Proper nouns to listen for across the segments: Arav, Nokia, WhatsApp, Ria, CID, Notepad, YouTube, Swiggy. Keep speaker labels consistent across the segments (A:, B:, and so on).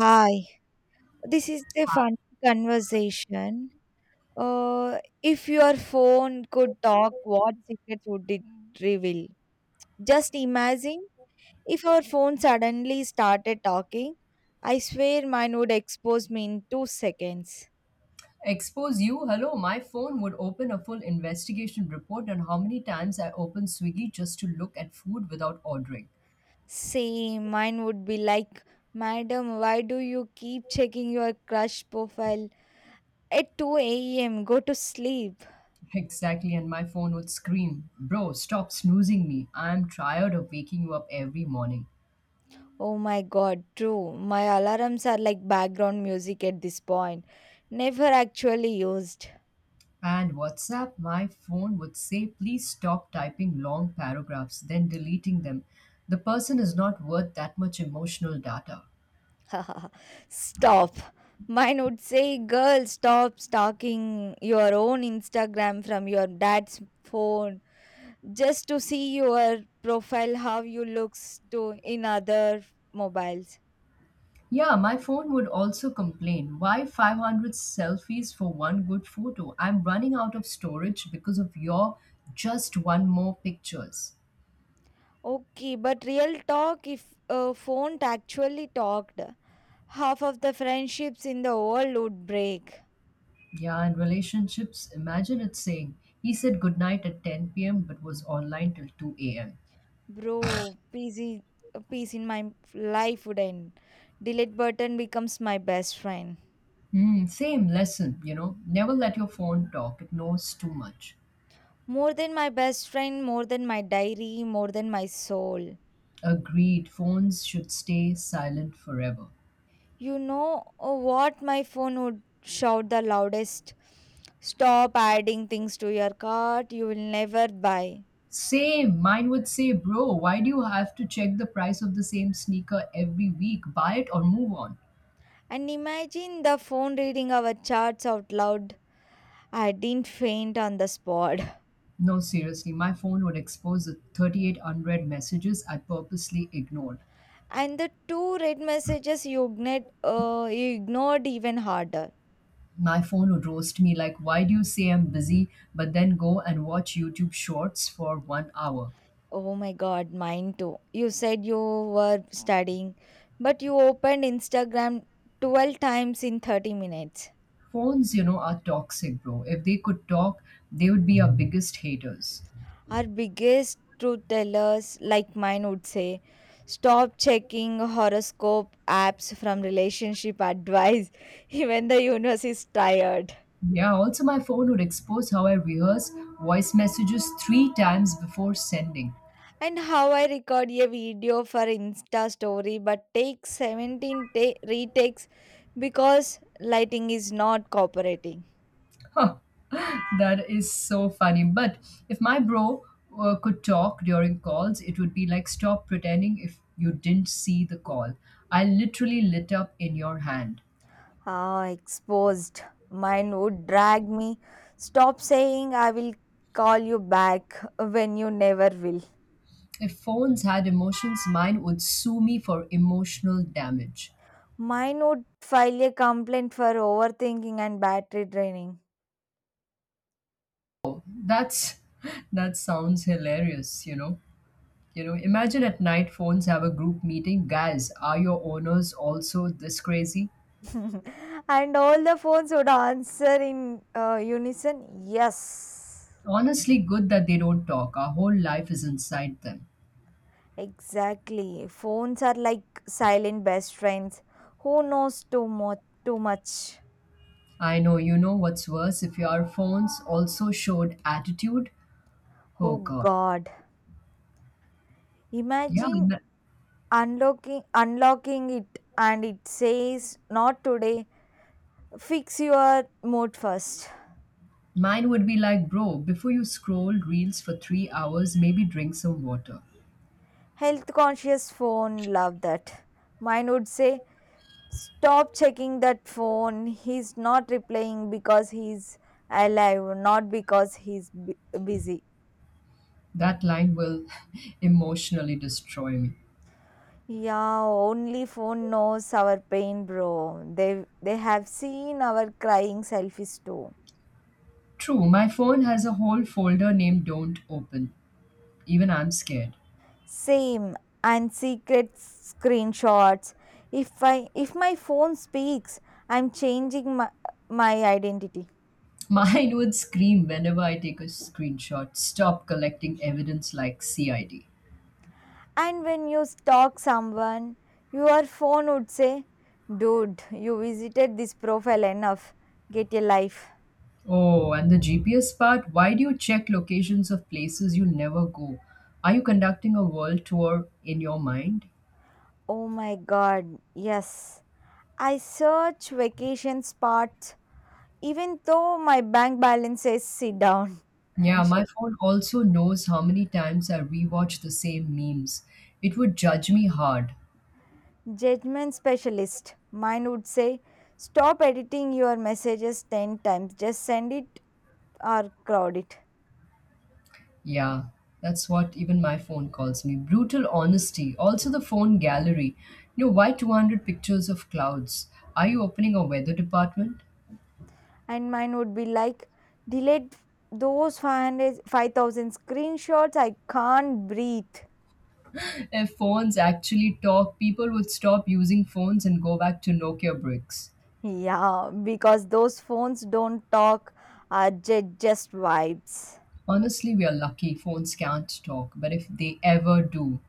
A: Hi, this is the fun conversation. If your phone could talk, what secrets would it reveal? Just imagine if your phone suddenly started talking. I swear mine would expose me in 2 seconds.
B: Expose you? Hello, my phone would open a full investigation report on how many times I opened Swiggy just to look at food without ordering.
A: Same, mine would be like, Madam, why do you keep checking your crush profile at 2 a.m.? Go to sleep.
B: Exactly, and my phone would scream, Bro, stop snoozing me. I'm tired of waking you up every morning.
A: Oh my god, true. My alarms are like background music at this point. Never actually used.
B: And WhatsApp, my phone would say, Please stop typing long paragraphs, then deleting them. The person is not worth that much emotional data.
A: Stop. Mine would say, Girl, stop stalking your own Instagram from your dad's phone just to see your profile, how you looks to in other mobiles.
B: Yeah, my phone would also complain. Why 500 selfies for one good photo? I'm running out of storage because of your just one more pictures.
A: Okay, but real talk, if a phone actually talked, half of the friendships in the world would break.
B: Yeah, and relationships, imagine it saying, he said goodnight at 10 p.m. but was online till 2 a.m.
A: Bro, PC, peace in my life would end. Delete button becomes my best friend.
B: Hmm, same lesson. Never let your phone talk, it knows too much.
A: More than my best friend, more than my diary, more than my soul.
B: Agreed, phones should stay silent forever.
A: What my phone would shout the loudest? Stop adding things to your cart, you will never buy.
B: Same. Mine would say, bro, why do you have to check the price of the same sneaker every week? Buy it or move on.
A: And imagine the phone reading our charts out loud. I didn't faint on the spot.
B: No, seriously, my phone would expose the 38 unread messages I purposely ignored.
A: And the two red messages you ignored even harder.
B: My phone would roast me like, why do you say I'm busy, but then go and watch YouTube shorts for 1 hour?
A: Oh my god, mine too. You said you were studying, but you opened Instagram 12 times in 30 minutes.
B: Phones, are toxic, bro. If they could talk, they would be our biggest haters.
A: Our biggest truth tellers, like mine, would say stop checking horoscope apps from relationship advice, even the universe is tired.
B: Yeah, also, my phone would expose how I rehearse voice messages three times before sending.
A: And how I record a video for Insta story but take 17 retakes because lighting is not cooperating.
B: That is so funny. But if my bro could talk during calls, it would be like, stop pretending if you didn't see the call. I literally lit up in your hand.
A: Ah, exposed. Mine would drag me. Stop saying I will call you back when you never will.
B: If phones had emotions, mine would sue me for emotional damage.
A: Mine would file a complaint for overthinking and battery draining.
B: That's that sounds hilarious. Imagine at night phones have a group meeting. Guys, are your owners also this crazy?
A: And all the phones would answer in unison yes.
B: Honestly, good that they don't talk. Our whole life is inside them.
A: Exactly. Phones are like silent best friends. Who knows too much? too much?
B: I know, you know what's worse? If your phones also showed attitude, oh
A: Oh
B: God.
A: god.
B: Yeah,
A: Imagine unlocking it and it says not today, fix your mood first.
B: mine would be like, bro, before you scroll reels for 3 hours, maybe drink some water.
A: Health conscious phone, love that. Mine would say stop checking that phone, he's not replying because he's alive, not because he's busy.
B: That line will emotionally destroy me.
A: Yeah, only phone knows our pain, bro. They have seen our crying selfies too.
B: True, my phone has a whole folder named Don't Open. Even I'm scared.
A: Same, and secret screenshots. If my phone speaks, I'm changing my, my identity.
B: Mine would scream whenever I take a screenshot. Stop collecting evidence like CID.
A: And when you stalk someone, your phone would say, Dude, you visited this profile enough. Get a life.
B: Oh, and the GPS part, why do you check locations of places you'll never go? Are you conducting a world tour in your mind?
A: Oh my god, yes. I search vacation spots even though my bank balance says sit down
B: Yeah,
A: and shut.
B: my phone also knows how many times I rewatch the same memes. It would judge me hard.
A: Judgment specialist. Mine would say, stop editing your messages 10 times, just send it or crowd it.
B: Yeah, that's what even my phone calls me. Brutal honesty. Also, the phone gallery. You know, why 200 pictures of clouds? Are you opening a weather department?
A: And mine would be like, delete those 500, 5,000 screenshots, I can't breathe.
B: If phones actually talk, people would stop using phones and go back to Nokia bricks.
A: Yeah, because those phones don't talk, are just vibes.
B: Honestly, we are lucky phones can't talk, but if they ever do,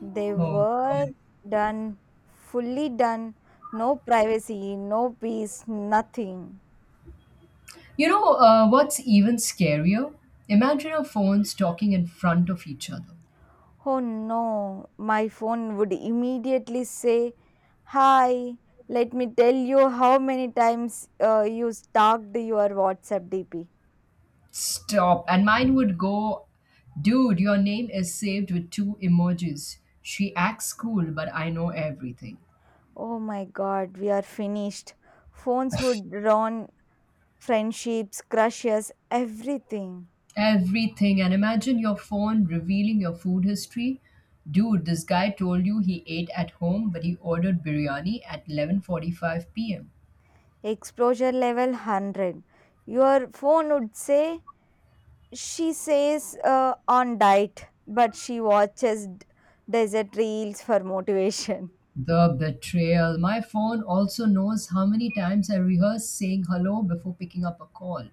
A: They
B: oh
A: were
B: god.
A: done, fully done, no privacy, no peace, nothing.
B: You know what's even scarier? Imagine our phones talking in front of each other.
A: Oh no, my phone would immediately say, Hi, let me tell you how many times you stalked your WhatsApp DP.
B: Stop. And mine would go, dude, your name is saved with two emojis. She acts cool, but I know everything.
A: Oh my god, we are finished. Phones would ruin friendships, crushes, everything.
B: Everything. And imagine your phone revealing your food history. Dude, this guy told you he ate at home, but he ordered biryani at 11:45 p.m.
A: Exposure level 100. Your phone would say, She says on diet, but she watches desert reels for motivation.
B: The betrayal. My phone also knows how many times I rehearse saying hello before picking up a call.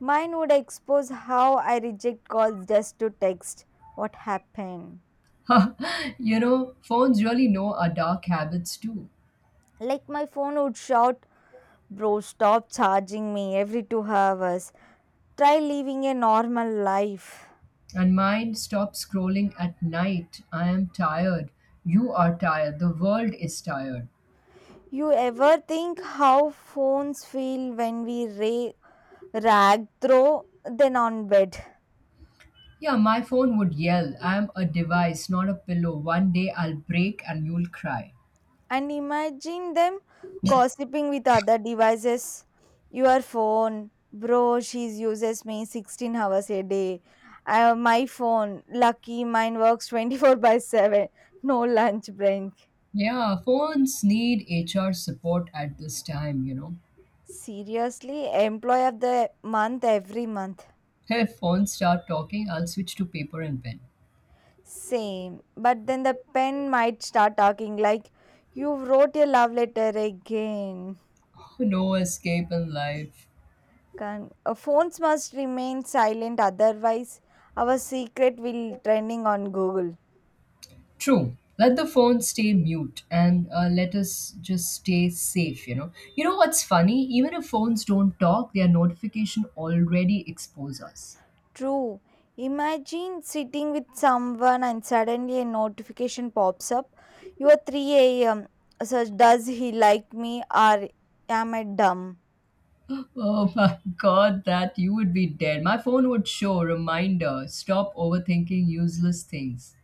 A: Mine would expose how I reject calls just to text what happened.
B: phones really know our dark habits too.
A: Like my phone would shout, Bro, stop charging me every 2 hours. Try living a normal life.
B: And mine stops scrolling at night. I am tired. You are tired. The world is tired.
A: You ever think how phones feel when we rag throw them on bed?
B: Yeah, my phone would yell, I am a device, not a pillow. One day I'll break and you'll cry.
A: And imagine them gossiping with other devices. Your phone, bro, she uses me 16 hours a day. My phone, lucky, mine works 24 by 7. No lunch break.
B: Yeah, phones need HR support at this time.
A: Seriously, employee of the month every month.
B: If phones start talking, I'll switch to paper and pen.
A: Same. But then the pen might start talking like, You wrote a love letter again.
B: No escape in life.
A: Can, phones must remain silent, otherwise, our secret will trending on Google.
B: True. Let the phone stay mute and let us just stay safe. You know what's funny? Even if phones don't talk, their notification already expose us.
A: True. Imagine sitting with someone and suddenly a notification pops up. You are 3 a.m. Such does he like me or am I dumb?
B: Oh my god, that you would be dead. My phone would show reminder, stop overthinking useless things.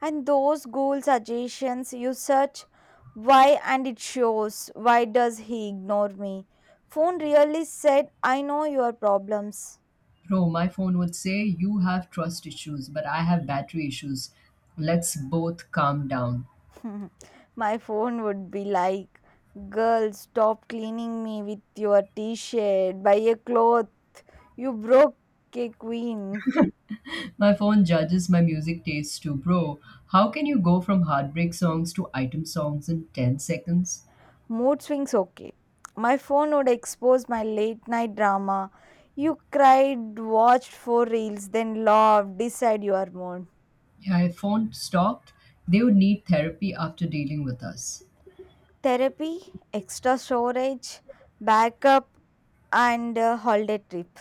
A: And those Google suggestions you search why and it shows why does he ignore me? Phone really said, I know your problems.
B: Bro, my phone would say you have trust issues, but I have battery issues. Let's both calm down.
A: My phone would be like, Girl, stop cleaning me with your t shirt. Buy a cloth. You broke a queen.
B: My phone judges my music taste too, bro. How can you go from heartbreak songs to item songs in 10 seconds?
A: Mood swings okay. My phone would expose my late night drama. You cried, watched four reels, then laughed, decide your mood.
B: Yeah, if phone stopped, they would need therapy after dealing with us.
A: Therapy, extra storage, backup, and a holiday trip.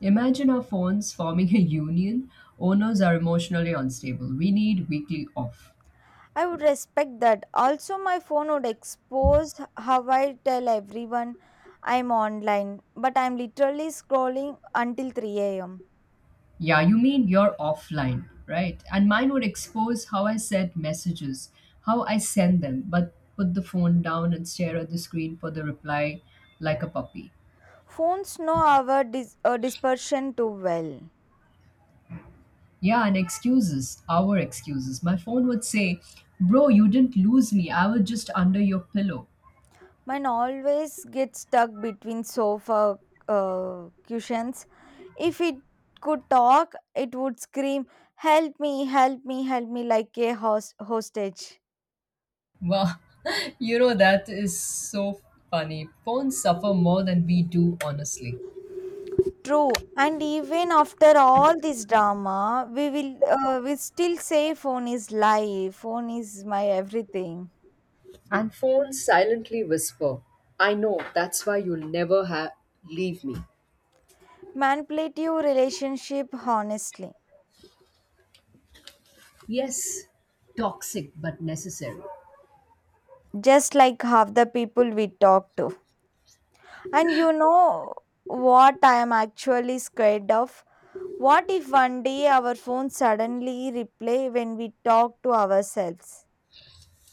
B: Imagine our phones forming a union. Owners are emotionally unstable. We need weekly off.
A: I would respect that. Also, my phone would expose how I tell everyone I'm online, but I'm literally scrolling until 3 a.m.
B: Yeah, you mean you're offline, right? And mine would expose how I send them, but put the phone down and stare at the screen for the reply like a puppy.
A: Phones know our dispersion too well.
B: Yeah, and excuses, our excuses. My phone would say, Bro, you didn't lose me. I was just under your pillow.
A: Mine always gets stuck between sofa cushions. If it could talk, it would scream, Help me, help me, help me, like a hostage.
B: Wow, that is so funny. Phones suffer more than we do, honestly.
A: True, and even after all this drama, we will we still say phone is life, phone is my everything.
B: And phones silently whisper, I know, that's why you'll never leave me.
A: Manipulative relationship, honestly,
B: Yes, toxic but necessary.
A: just like half the people we talk to. And you know what I am actually scared of? What if one day our phone suddenly replay when we talk to ourselves?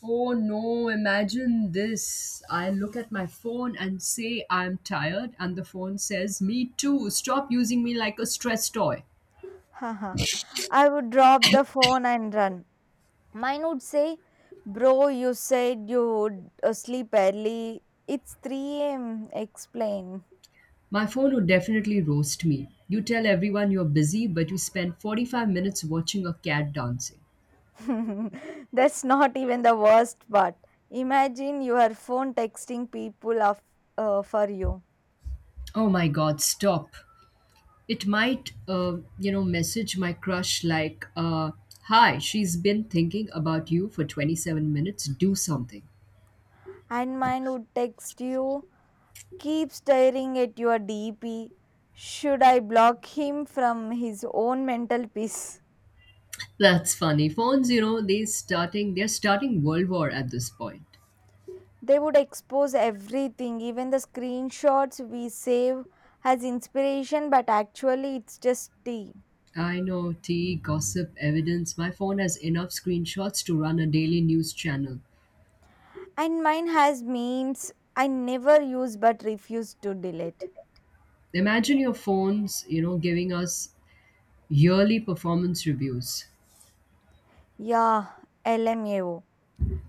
B: Oh no, imagine this. I look at my phone and say I'm tired, and the phone says, Me too, stop using me like a stress toy.
A: I would drop the phone and run. Mine would say, Bro, you said you would sleep early. It's 3 a.m. Explain.
B: My phone would definitely roast me. You tell everyone you're busy, but you spend 45 minutes watching a cat dancing.
A: That's not even the worst part. Imagine your phone texting people of, for you.
B: Oh my god, stop. It might, message my crush like, Hi, she's been thinking about you for 27 minutes, do something.
A: And mine would text you, Keep staring at your DP. Should I block him from his own mental peace?
B: That's funny. Phones, they're starting world war at this point.
A: They would expose everything, even the screenshots we save as inspiration, but actually it's just tea.
B: I know tea, gossip, evidence. My phone has enough screenshots to run a daily news channel.
A: And mine has memes I never use but refuse to delete.
B: Imagine your phones, giving us yearly performance reviews.
A: Yeah, LMAO.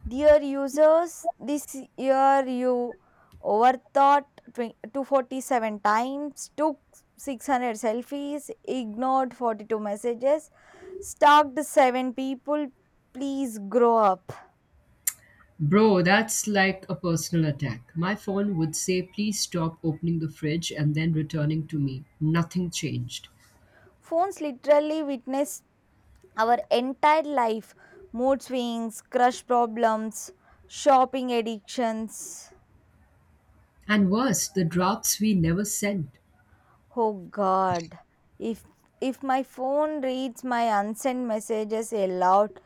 A: Dear users, this year you overthought 20,247 times, took 600 selfies, ignored 42 messages, stalked 7 people. Please grow up.
B: Bro, that's like a personal attack. My phone would say, please stop opening the fridge and then returning to me. Nothing changed.
A: Phones literally witness our entire life, mood swings, crush problems, shopping addictions.
B: And worse, the drafts we never sent.
A: Oh god. If if my phone reads my unsent messages aloud,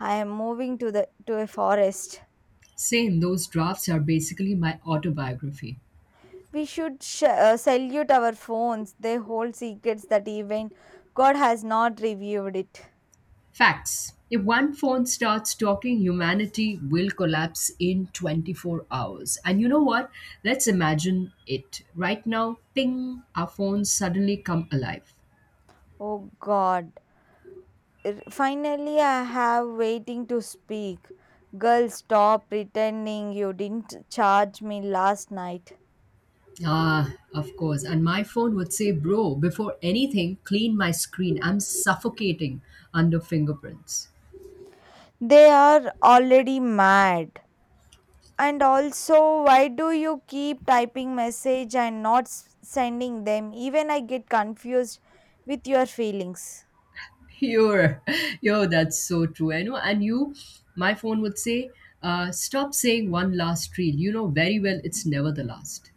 A: I am moving to a forest.
B: Same, those drafts are basically my autobiography.
A: We should salute our phones. They hold secrets that even God has not revealed it.
B: Facts. If one phone starts talking, humanity will collapse in 24 hours. And you know what? Let's imagine it. Right now, ping, our phones suddenly come alive.
A: Oh God. Finally I have waiting to speak. Girl, stop pretending you didn't charge me last night.
B: Ah, of course. And my phone would say, Bro, before anything, clean my screen. I'm suffocating under fingerprints.
A: They are already mad. And also, why do you keep typing message and not sending them? Even I get confused with your feelings.
B: You're, yo, that's so true. I know. And you, my phone would say, Stop saying one last reel. You know very well it's never the last.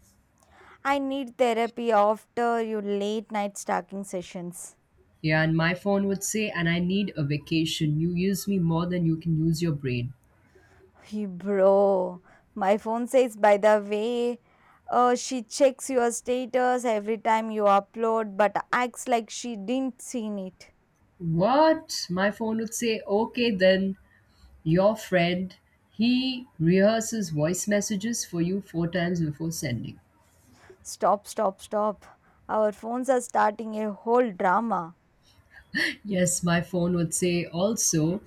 A: I need therapy after your late night stalking sessions.
B: Yeah, and my phone would say, and I need a vacation. You use me more than you can use your brain.
A: Hey, bro, my phone says, by the way, she checks your status every time you upload, but acts like she didn't seen it.
B: What? My phone would say, okay, then your friend, he rehearses voice messages for you four times before sending.
A: Stop, stop, stop. Our phones are starting a whole drama.
B: Yes, my phone would say also,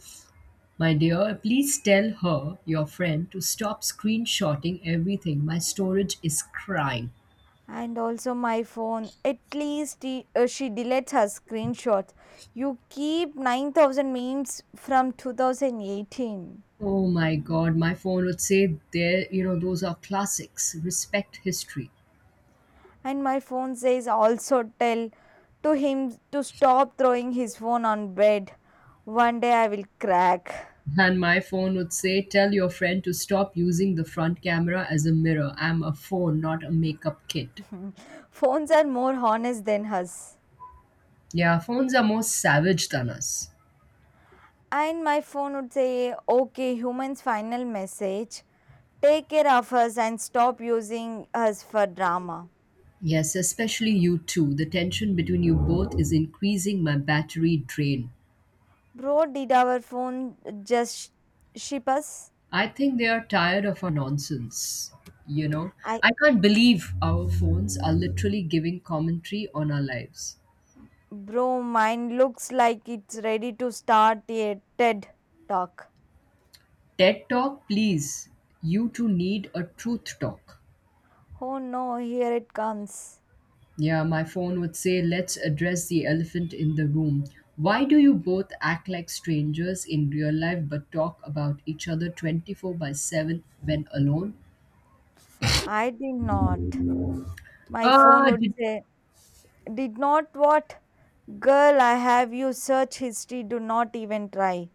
B: my dear, please tell her, your friend, to stop screenshotting everything. My storage is crying.
A: And also my phone. At least he, she deletes her screenshots. You keep 9,000 memes from 2018.
B: Oh my god, my phone would say there, those are classics. Respect history.
A: And my phone says also tell to him to stop throwing his phone on bed. One day I will crack.
B: And my phone would say, Tell your friend to stop using the front camera as a mirror. I'm a phone, not a makeup kit.
A: Phones are more honest than us.
B: Yeah, phones are more savage than us.
A: And my phone would say, okay, human's final message. Take care of us and stop using us for drama.
B: Yes, especially you two. The tension between you both is increasing my battery drain.
A: Bro, did our phone just ship us?
B: I think they are tired of our nonsense. You know,
A: I,
B: I can't believe our phones are literally giving commentary on our lives.
A: bro, mine looks like it's ready to start a TED talk.
B: TED Talk, please. You two need a truth talk.
A: Oh no, here it comes.
B: Yeah, my phone would say, let's address the elephant in the room. Why do you both act like strangers in real life but talk about each other 24 by 7 when alone?
A: I did not. My phone
B: Ah,
A: would
B: did-
A: say, Did not what? Girl, I have you search history. Do not even try.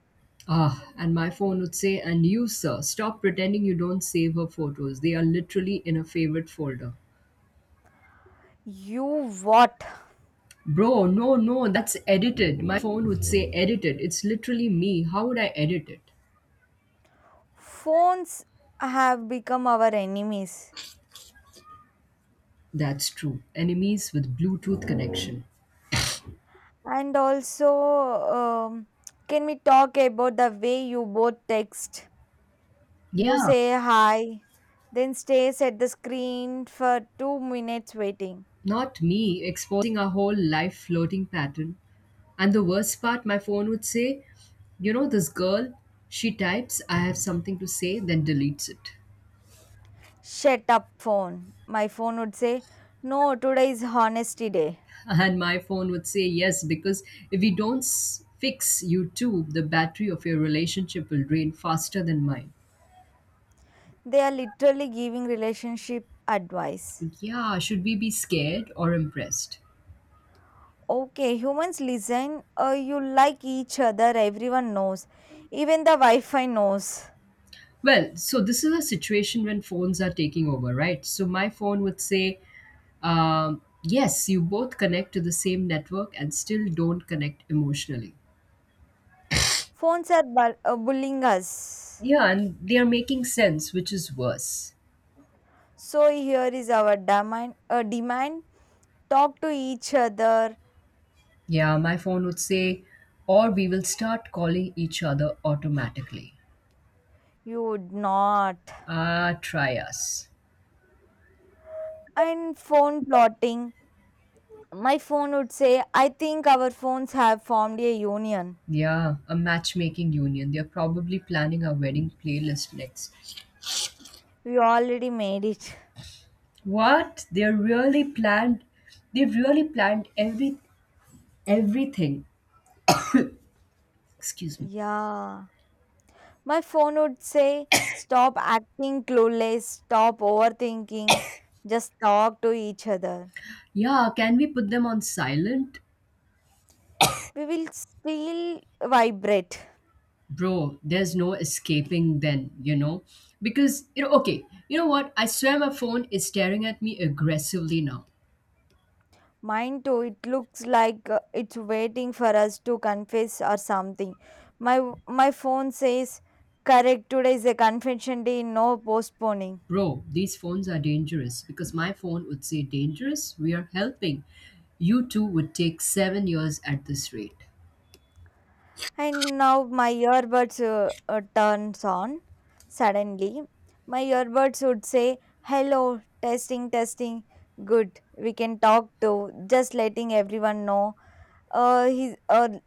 B: ah, and my phone would say, and you, sir, stop pretending you don't save her photos. They are literally in a favorite folder.
A: You what?
B: Bro, no, no, that's edited. My phone would say, edited. It's literally me. How would I edit it?
A: Phones have become our enemies.
B: That's true. Enemies with Bluetooth connection.
A: And also, um, can we talk about the way you both text? You
B: Yeah.
A: say hi, then stares at the screen for 2 minutes waiting.
B: Not me, exposing our whole life floating pattern. And the worst part, my phone would say, You know, this girl, she types, I have something to say, then deletes it.
A: Shut up, phone. My phone would say, No, today is honesty day.
B: And my phone would say, Yes, because if we don't fix you too, the battery of your relationship will drain faster than mine.
A: They are literally giving relationship advice.
B: Yeah, should we be scared or impressed?
A: Okay, humans listen. You like each other, everyone knows. Even the Wi Fi knows.
B: Well, so this is a situation when phones are taking over, right? So my phone would say, yes, you both connect to the same network and still don't connect emotionally.
A: Phones are bullying us.
B: Yeah, and they are making sense, which is worse.
A: So here is our demand, demand talk to each other.
B: Yeah, my phone would say, or we will start calling each other automatically.
A: You would not.
B: Ah, try us.
A: And phone plotting. My phone would say, I think our phones have formed a union.
B: Yeah, a matchmaking union. They're probably planning our wedding playlist next.
A: We already made it.
B: What? They're really planned. They've really planned everything. Excuse me.
A: Yeah. My phone would say, Stop acting clueless, stop overthinking, just talk to each other.
B: Yeah, can we put them on silent?
A: We will still vibrate.
B: Bro, there's no escaping then, because okay, you know what, I swear my phone is staring at me aggressively now.
A: Mine too, it looks like it's waiting for us to confess or something. My my phone says, Correct, today is a confession day, no postponing.
B: Bro, these phones are dangerous because my phone would say, dangerous, we are helping. You two would take 7 years at this rate.
A: And now my earbuds turns on suddenly. My earbuds would say, "Hello, testing, testing. Good, we can talk to." Just letting everyone know. He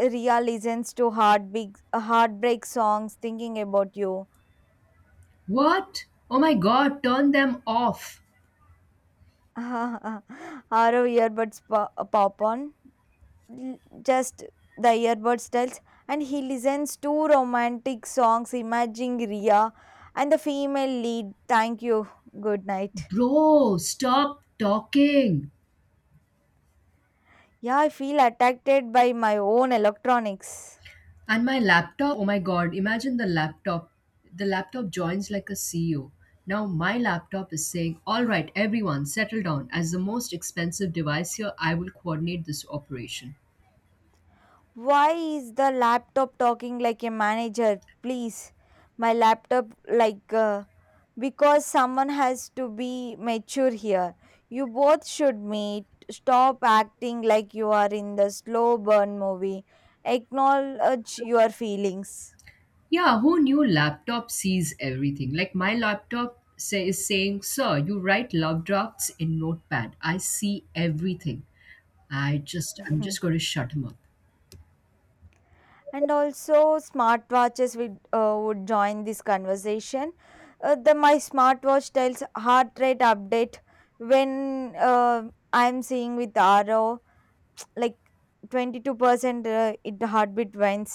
A: Ria listens to heartbeat, heartbreak songs, thinking about you.
B: What? Oh my god, turn them off.
A: Our earbuds pop on. l- just the earbud styles, and he listens to romantic songs imagining Ria and the female lead. Thank you, good night.
B: Bro, stop talking.
A: Yeah, I feel attracted by my own electronics.
B: And my laptop, oh my god, imagine the laptop. The laptop joins like a CEO. Now my laptop is saying, all right, everyone, settle down. As the most expensive device here, I will coordinate this operation.
A: Why is the laptop talking like a manager? Please, my laptop, like, because someone has to be mature here. You both should meet. Stop acting like you are in the slow burn movie. Acknowledge your feelings.
B: Yeah, who knew laptop sees everything? Like my laptop is saying, sir, you write love drafts in Notepad. I see everything. I'm just going to shut him up.
A: And also smartwatches would join this conversation. The my smartwatch tells heart rate update when I'm seeing with Ro like 22% it heartbeat went.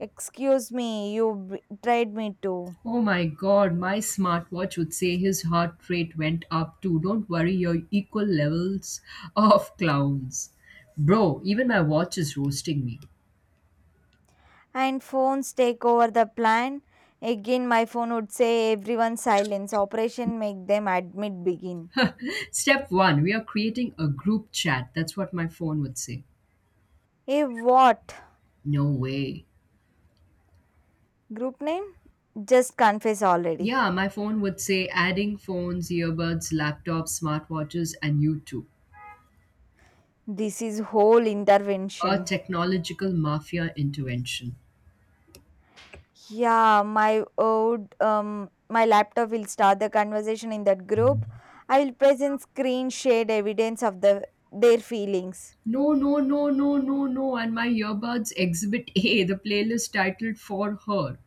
A: Excuse me, you tried me too.
B: Oh my god, my smartwatch would say his heart rate went up too. Don't worry, you're equal levels of clowns. Bro, even my watch is roasting me.
A: And phones take over the plan again. My phone would say, everyone silence, operation make them admit, begin.
B: Step one, we are creating a group chat. That's what my phone would say.
A: A what?
B: No way.
A: Group name, just confess already.
B: Yeah, my phone would say adding phones, earbuds, laptops, smartwatches, and YouTube.
A: This is whole
B: A
A: intervention.
B: technological mafia intervention.
A: Yeah, my old my laptop will start the conversation in that group. I will present screen shared evidence of the their feelings.
B: No, no, no, no, no, no. And my earbuds exhibit A, the playlist titled For Her.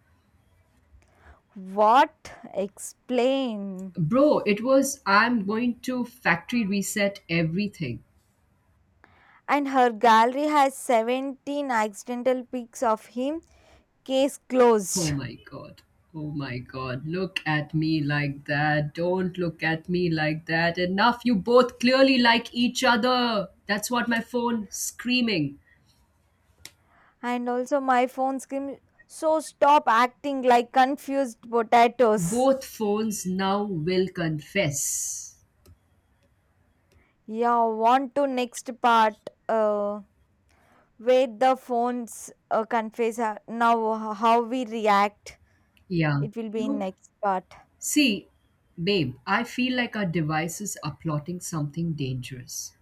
A: What? Explain.
B: Bro, it was I'm going to factory reset everything.
A: And her gallery has 17 accidental pics of him. Case
B: Oh
A: closed.
B: my god. Oh my god. Look at me like that. Don't look at me like that. Enough. You both clearly like each other. That's what my phone screaming.
A: And also my phone scream so stop acting like confused potatoes.
B: Both phones now will confess.
A: Yeah, want to next part. Uh wait the phones confess now, how we react?
B: Yeah.
A: It will
B: You
A: be in
B: know,
A: next part.
B: see, babe, I feel like our devices are plotting something dangerous.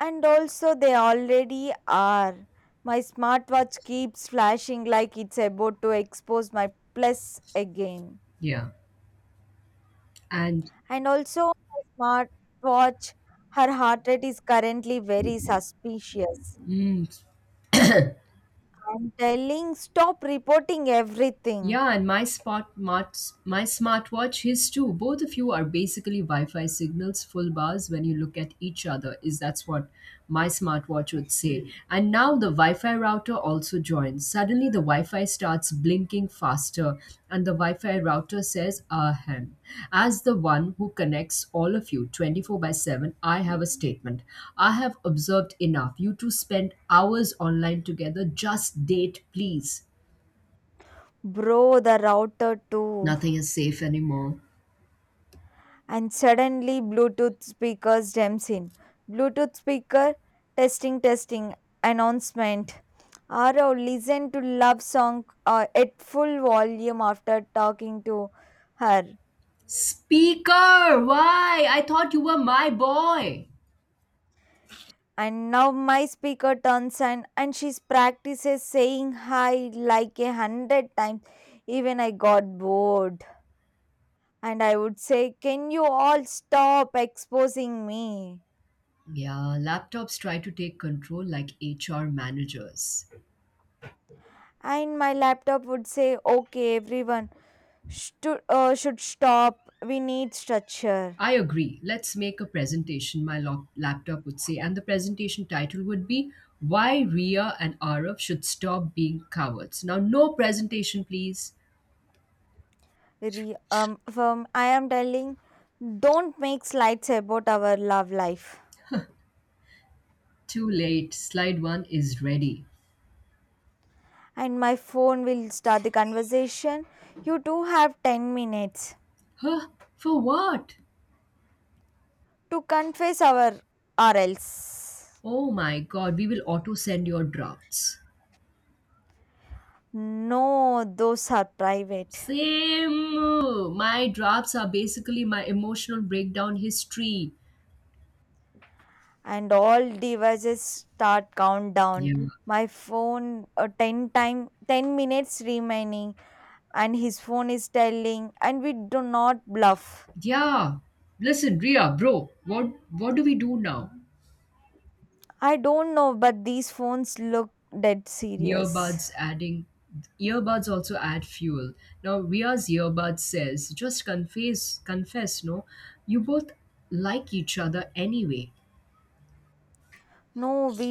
A: And also they already are. My smartwatch keeps flashing like it's about to expose my plus again.
B: Yeah. And
A: And also my smartwatch, her heart rate is currently very suspicious.
B: mm,
A: I'm telling stop reporting everything.
B: yeah, and my smartwatch, his too. Both of you are basically Wi-Fi signals, full bars when you look at each other. Is that's what my smartwatch would say. And now the Wi-Fi router also joins. Suddenly the Wi-Fi starts blinking faster, and the Wi-Fi router says, "Ahem." As the one who connects all of you 24 by 7, I have a statement. I have observed enough. You two spend hours online together. Just date, please.
A: Bro, the router too.
B: Nothing is safe anymore.
A: And suddenly Bluetooth speaker jumps in. Bluetooth speaker testing, testing, announcement. Arav listen to love song at full volume after talking to her.
B: Speaker, why? I thought you were my boy.
A: And now my speaker turns on and she practices saying hi like a hundred times. Even I got bored. And I would say, Can you all stop exposing me?
B: Yeah, laptops try to take control like HR managers.
A: And my laptop would say, Okay, everyone should should stop. We need structure.
B: I agree. Let's make a presentation, my laptop would say, and the presentation title would be Why Ria and Arav Should Stop Being Cowards. Now, no presentation, please.
A: From I am telling, don't make slides about our love life.
B: Too late. Slide one is ready.
A: And my phone will start the conversation. You do have 10 minutes
B: Huh? For what?
A: to confess our or else.
B: Oh my god, we will auto send your drafts.
A: No, those are private.
B: Same. My drafts are basically my emotional breakdown history.
A: And all devices start
B: Yeah.
A: countdown. My phone 10 time 10 minutes remaining, and his phone is telling and we do not bluff.
B: Yeah. Listen, Ria, bro, what do we do now?
A: I don't know, but these phones look dead serious.
B: Earbuds adding earbuds also add fuel. Now Ria's earbud says, just confess, no? You both like each other anyway.
A: No, we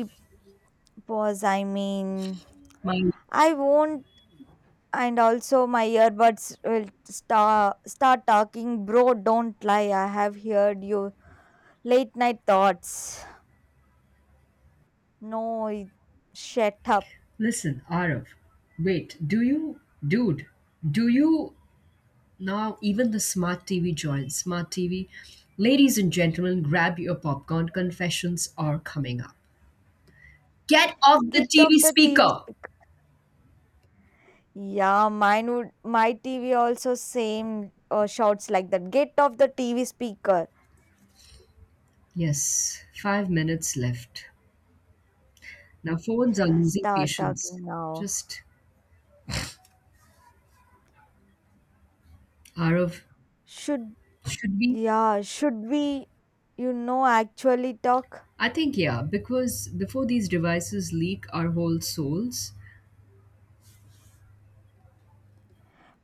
A: pause, I mean,
B: My
A: I won't. And also my earbuds will start talking. Bro, don't lie, I have heard you late night thoughts. No shut up.
B: Listen, Arif, wait, do you dude, do you now, even the smart TV joins. Smart TV, ladies and gentlemen, grab your popcorn. Confessions are coming up. Get off the
A: Get off
B: TV
A: the TV
B: speaker.
A: speaker. Yeah, mine would my TV also same, shouts like that, get off the TV speaker.
B: Yes, 5 minutes left. Now, phones are losing
A: Start
B: patience.
A: talking now.
B: Just Arav,
A: Should,
B: should we?
A: yeah, should we, you know, actually talk?
B: I think, yeah, because before these devices leak our whole souls,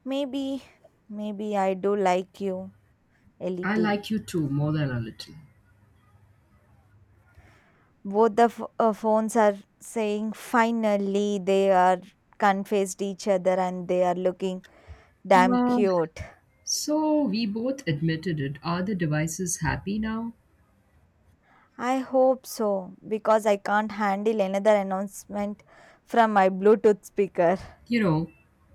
A: Maybe, maybe I do like you a
B: I
A: little.
B: like you too more than a little.
A: Both the phones are saying finally they are confessed each other and they are looking damn
B: Uh,
A: cute.
B: so, we both admitted it. Are the devices happy now?
A: I hope so because I can't handle another announcement from my Bluetooth speaker.
B: You know,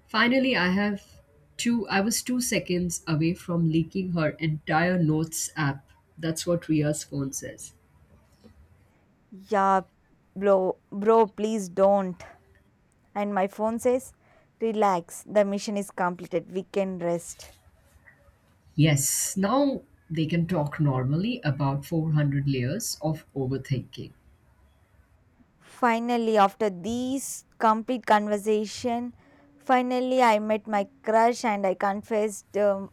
B: finally I have two I was 2 seconds away from leaking her entire notes app. That's what Ria's phone says.
A: Yeah, bro, bro, please don't. And my phone says, Relax, the mission is completed. We can rest.
B: Yes, now they can talk normally about 400 layers of overthinking.
A: Finally, after these complete conversation, finally I met my crush and I confessed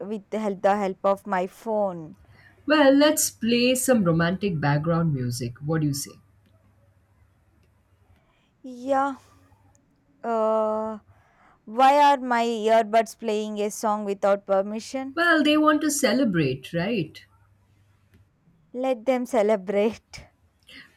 A: with the help of my phone.
B: Well, let's play some romantic background music. What do you say?
A: Yeah. Uh, why are my earbuds playing a song without permission?
B: Well, they want to celebrate, right?
A: Let them celebrate.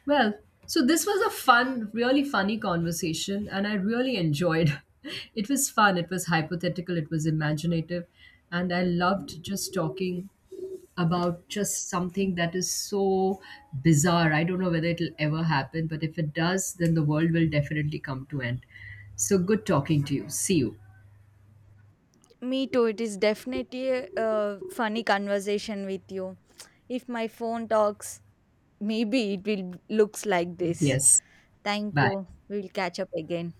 B: Well, so this was a fun, really funny conversation, and I really enjoyed. It was fun, it was hypothetical, it was imaginative, and I loved just talking about just something that is so bizarre. I don't know whether it'll ever happen, but if it does, then the world will definitely come to end. So good talking to you. See you.
A: Me too. It is definitely a funny conversation with you. If my phone talks, Maybe it will looks like this.
B: Yes.
A: Thank
B: Bye.
A: you. We will catch up again.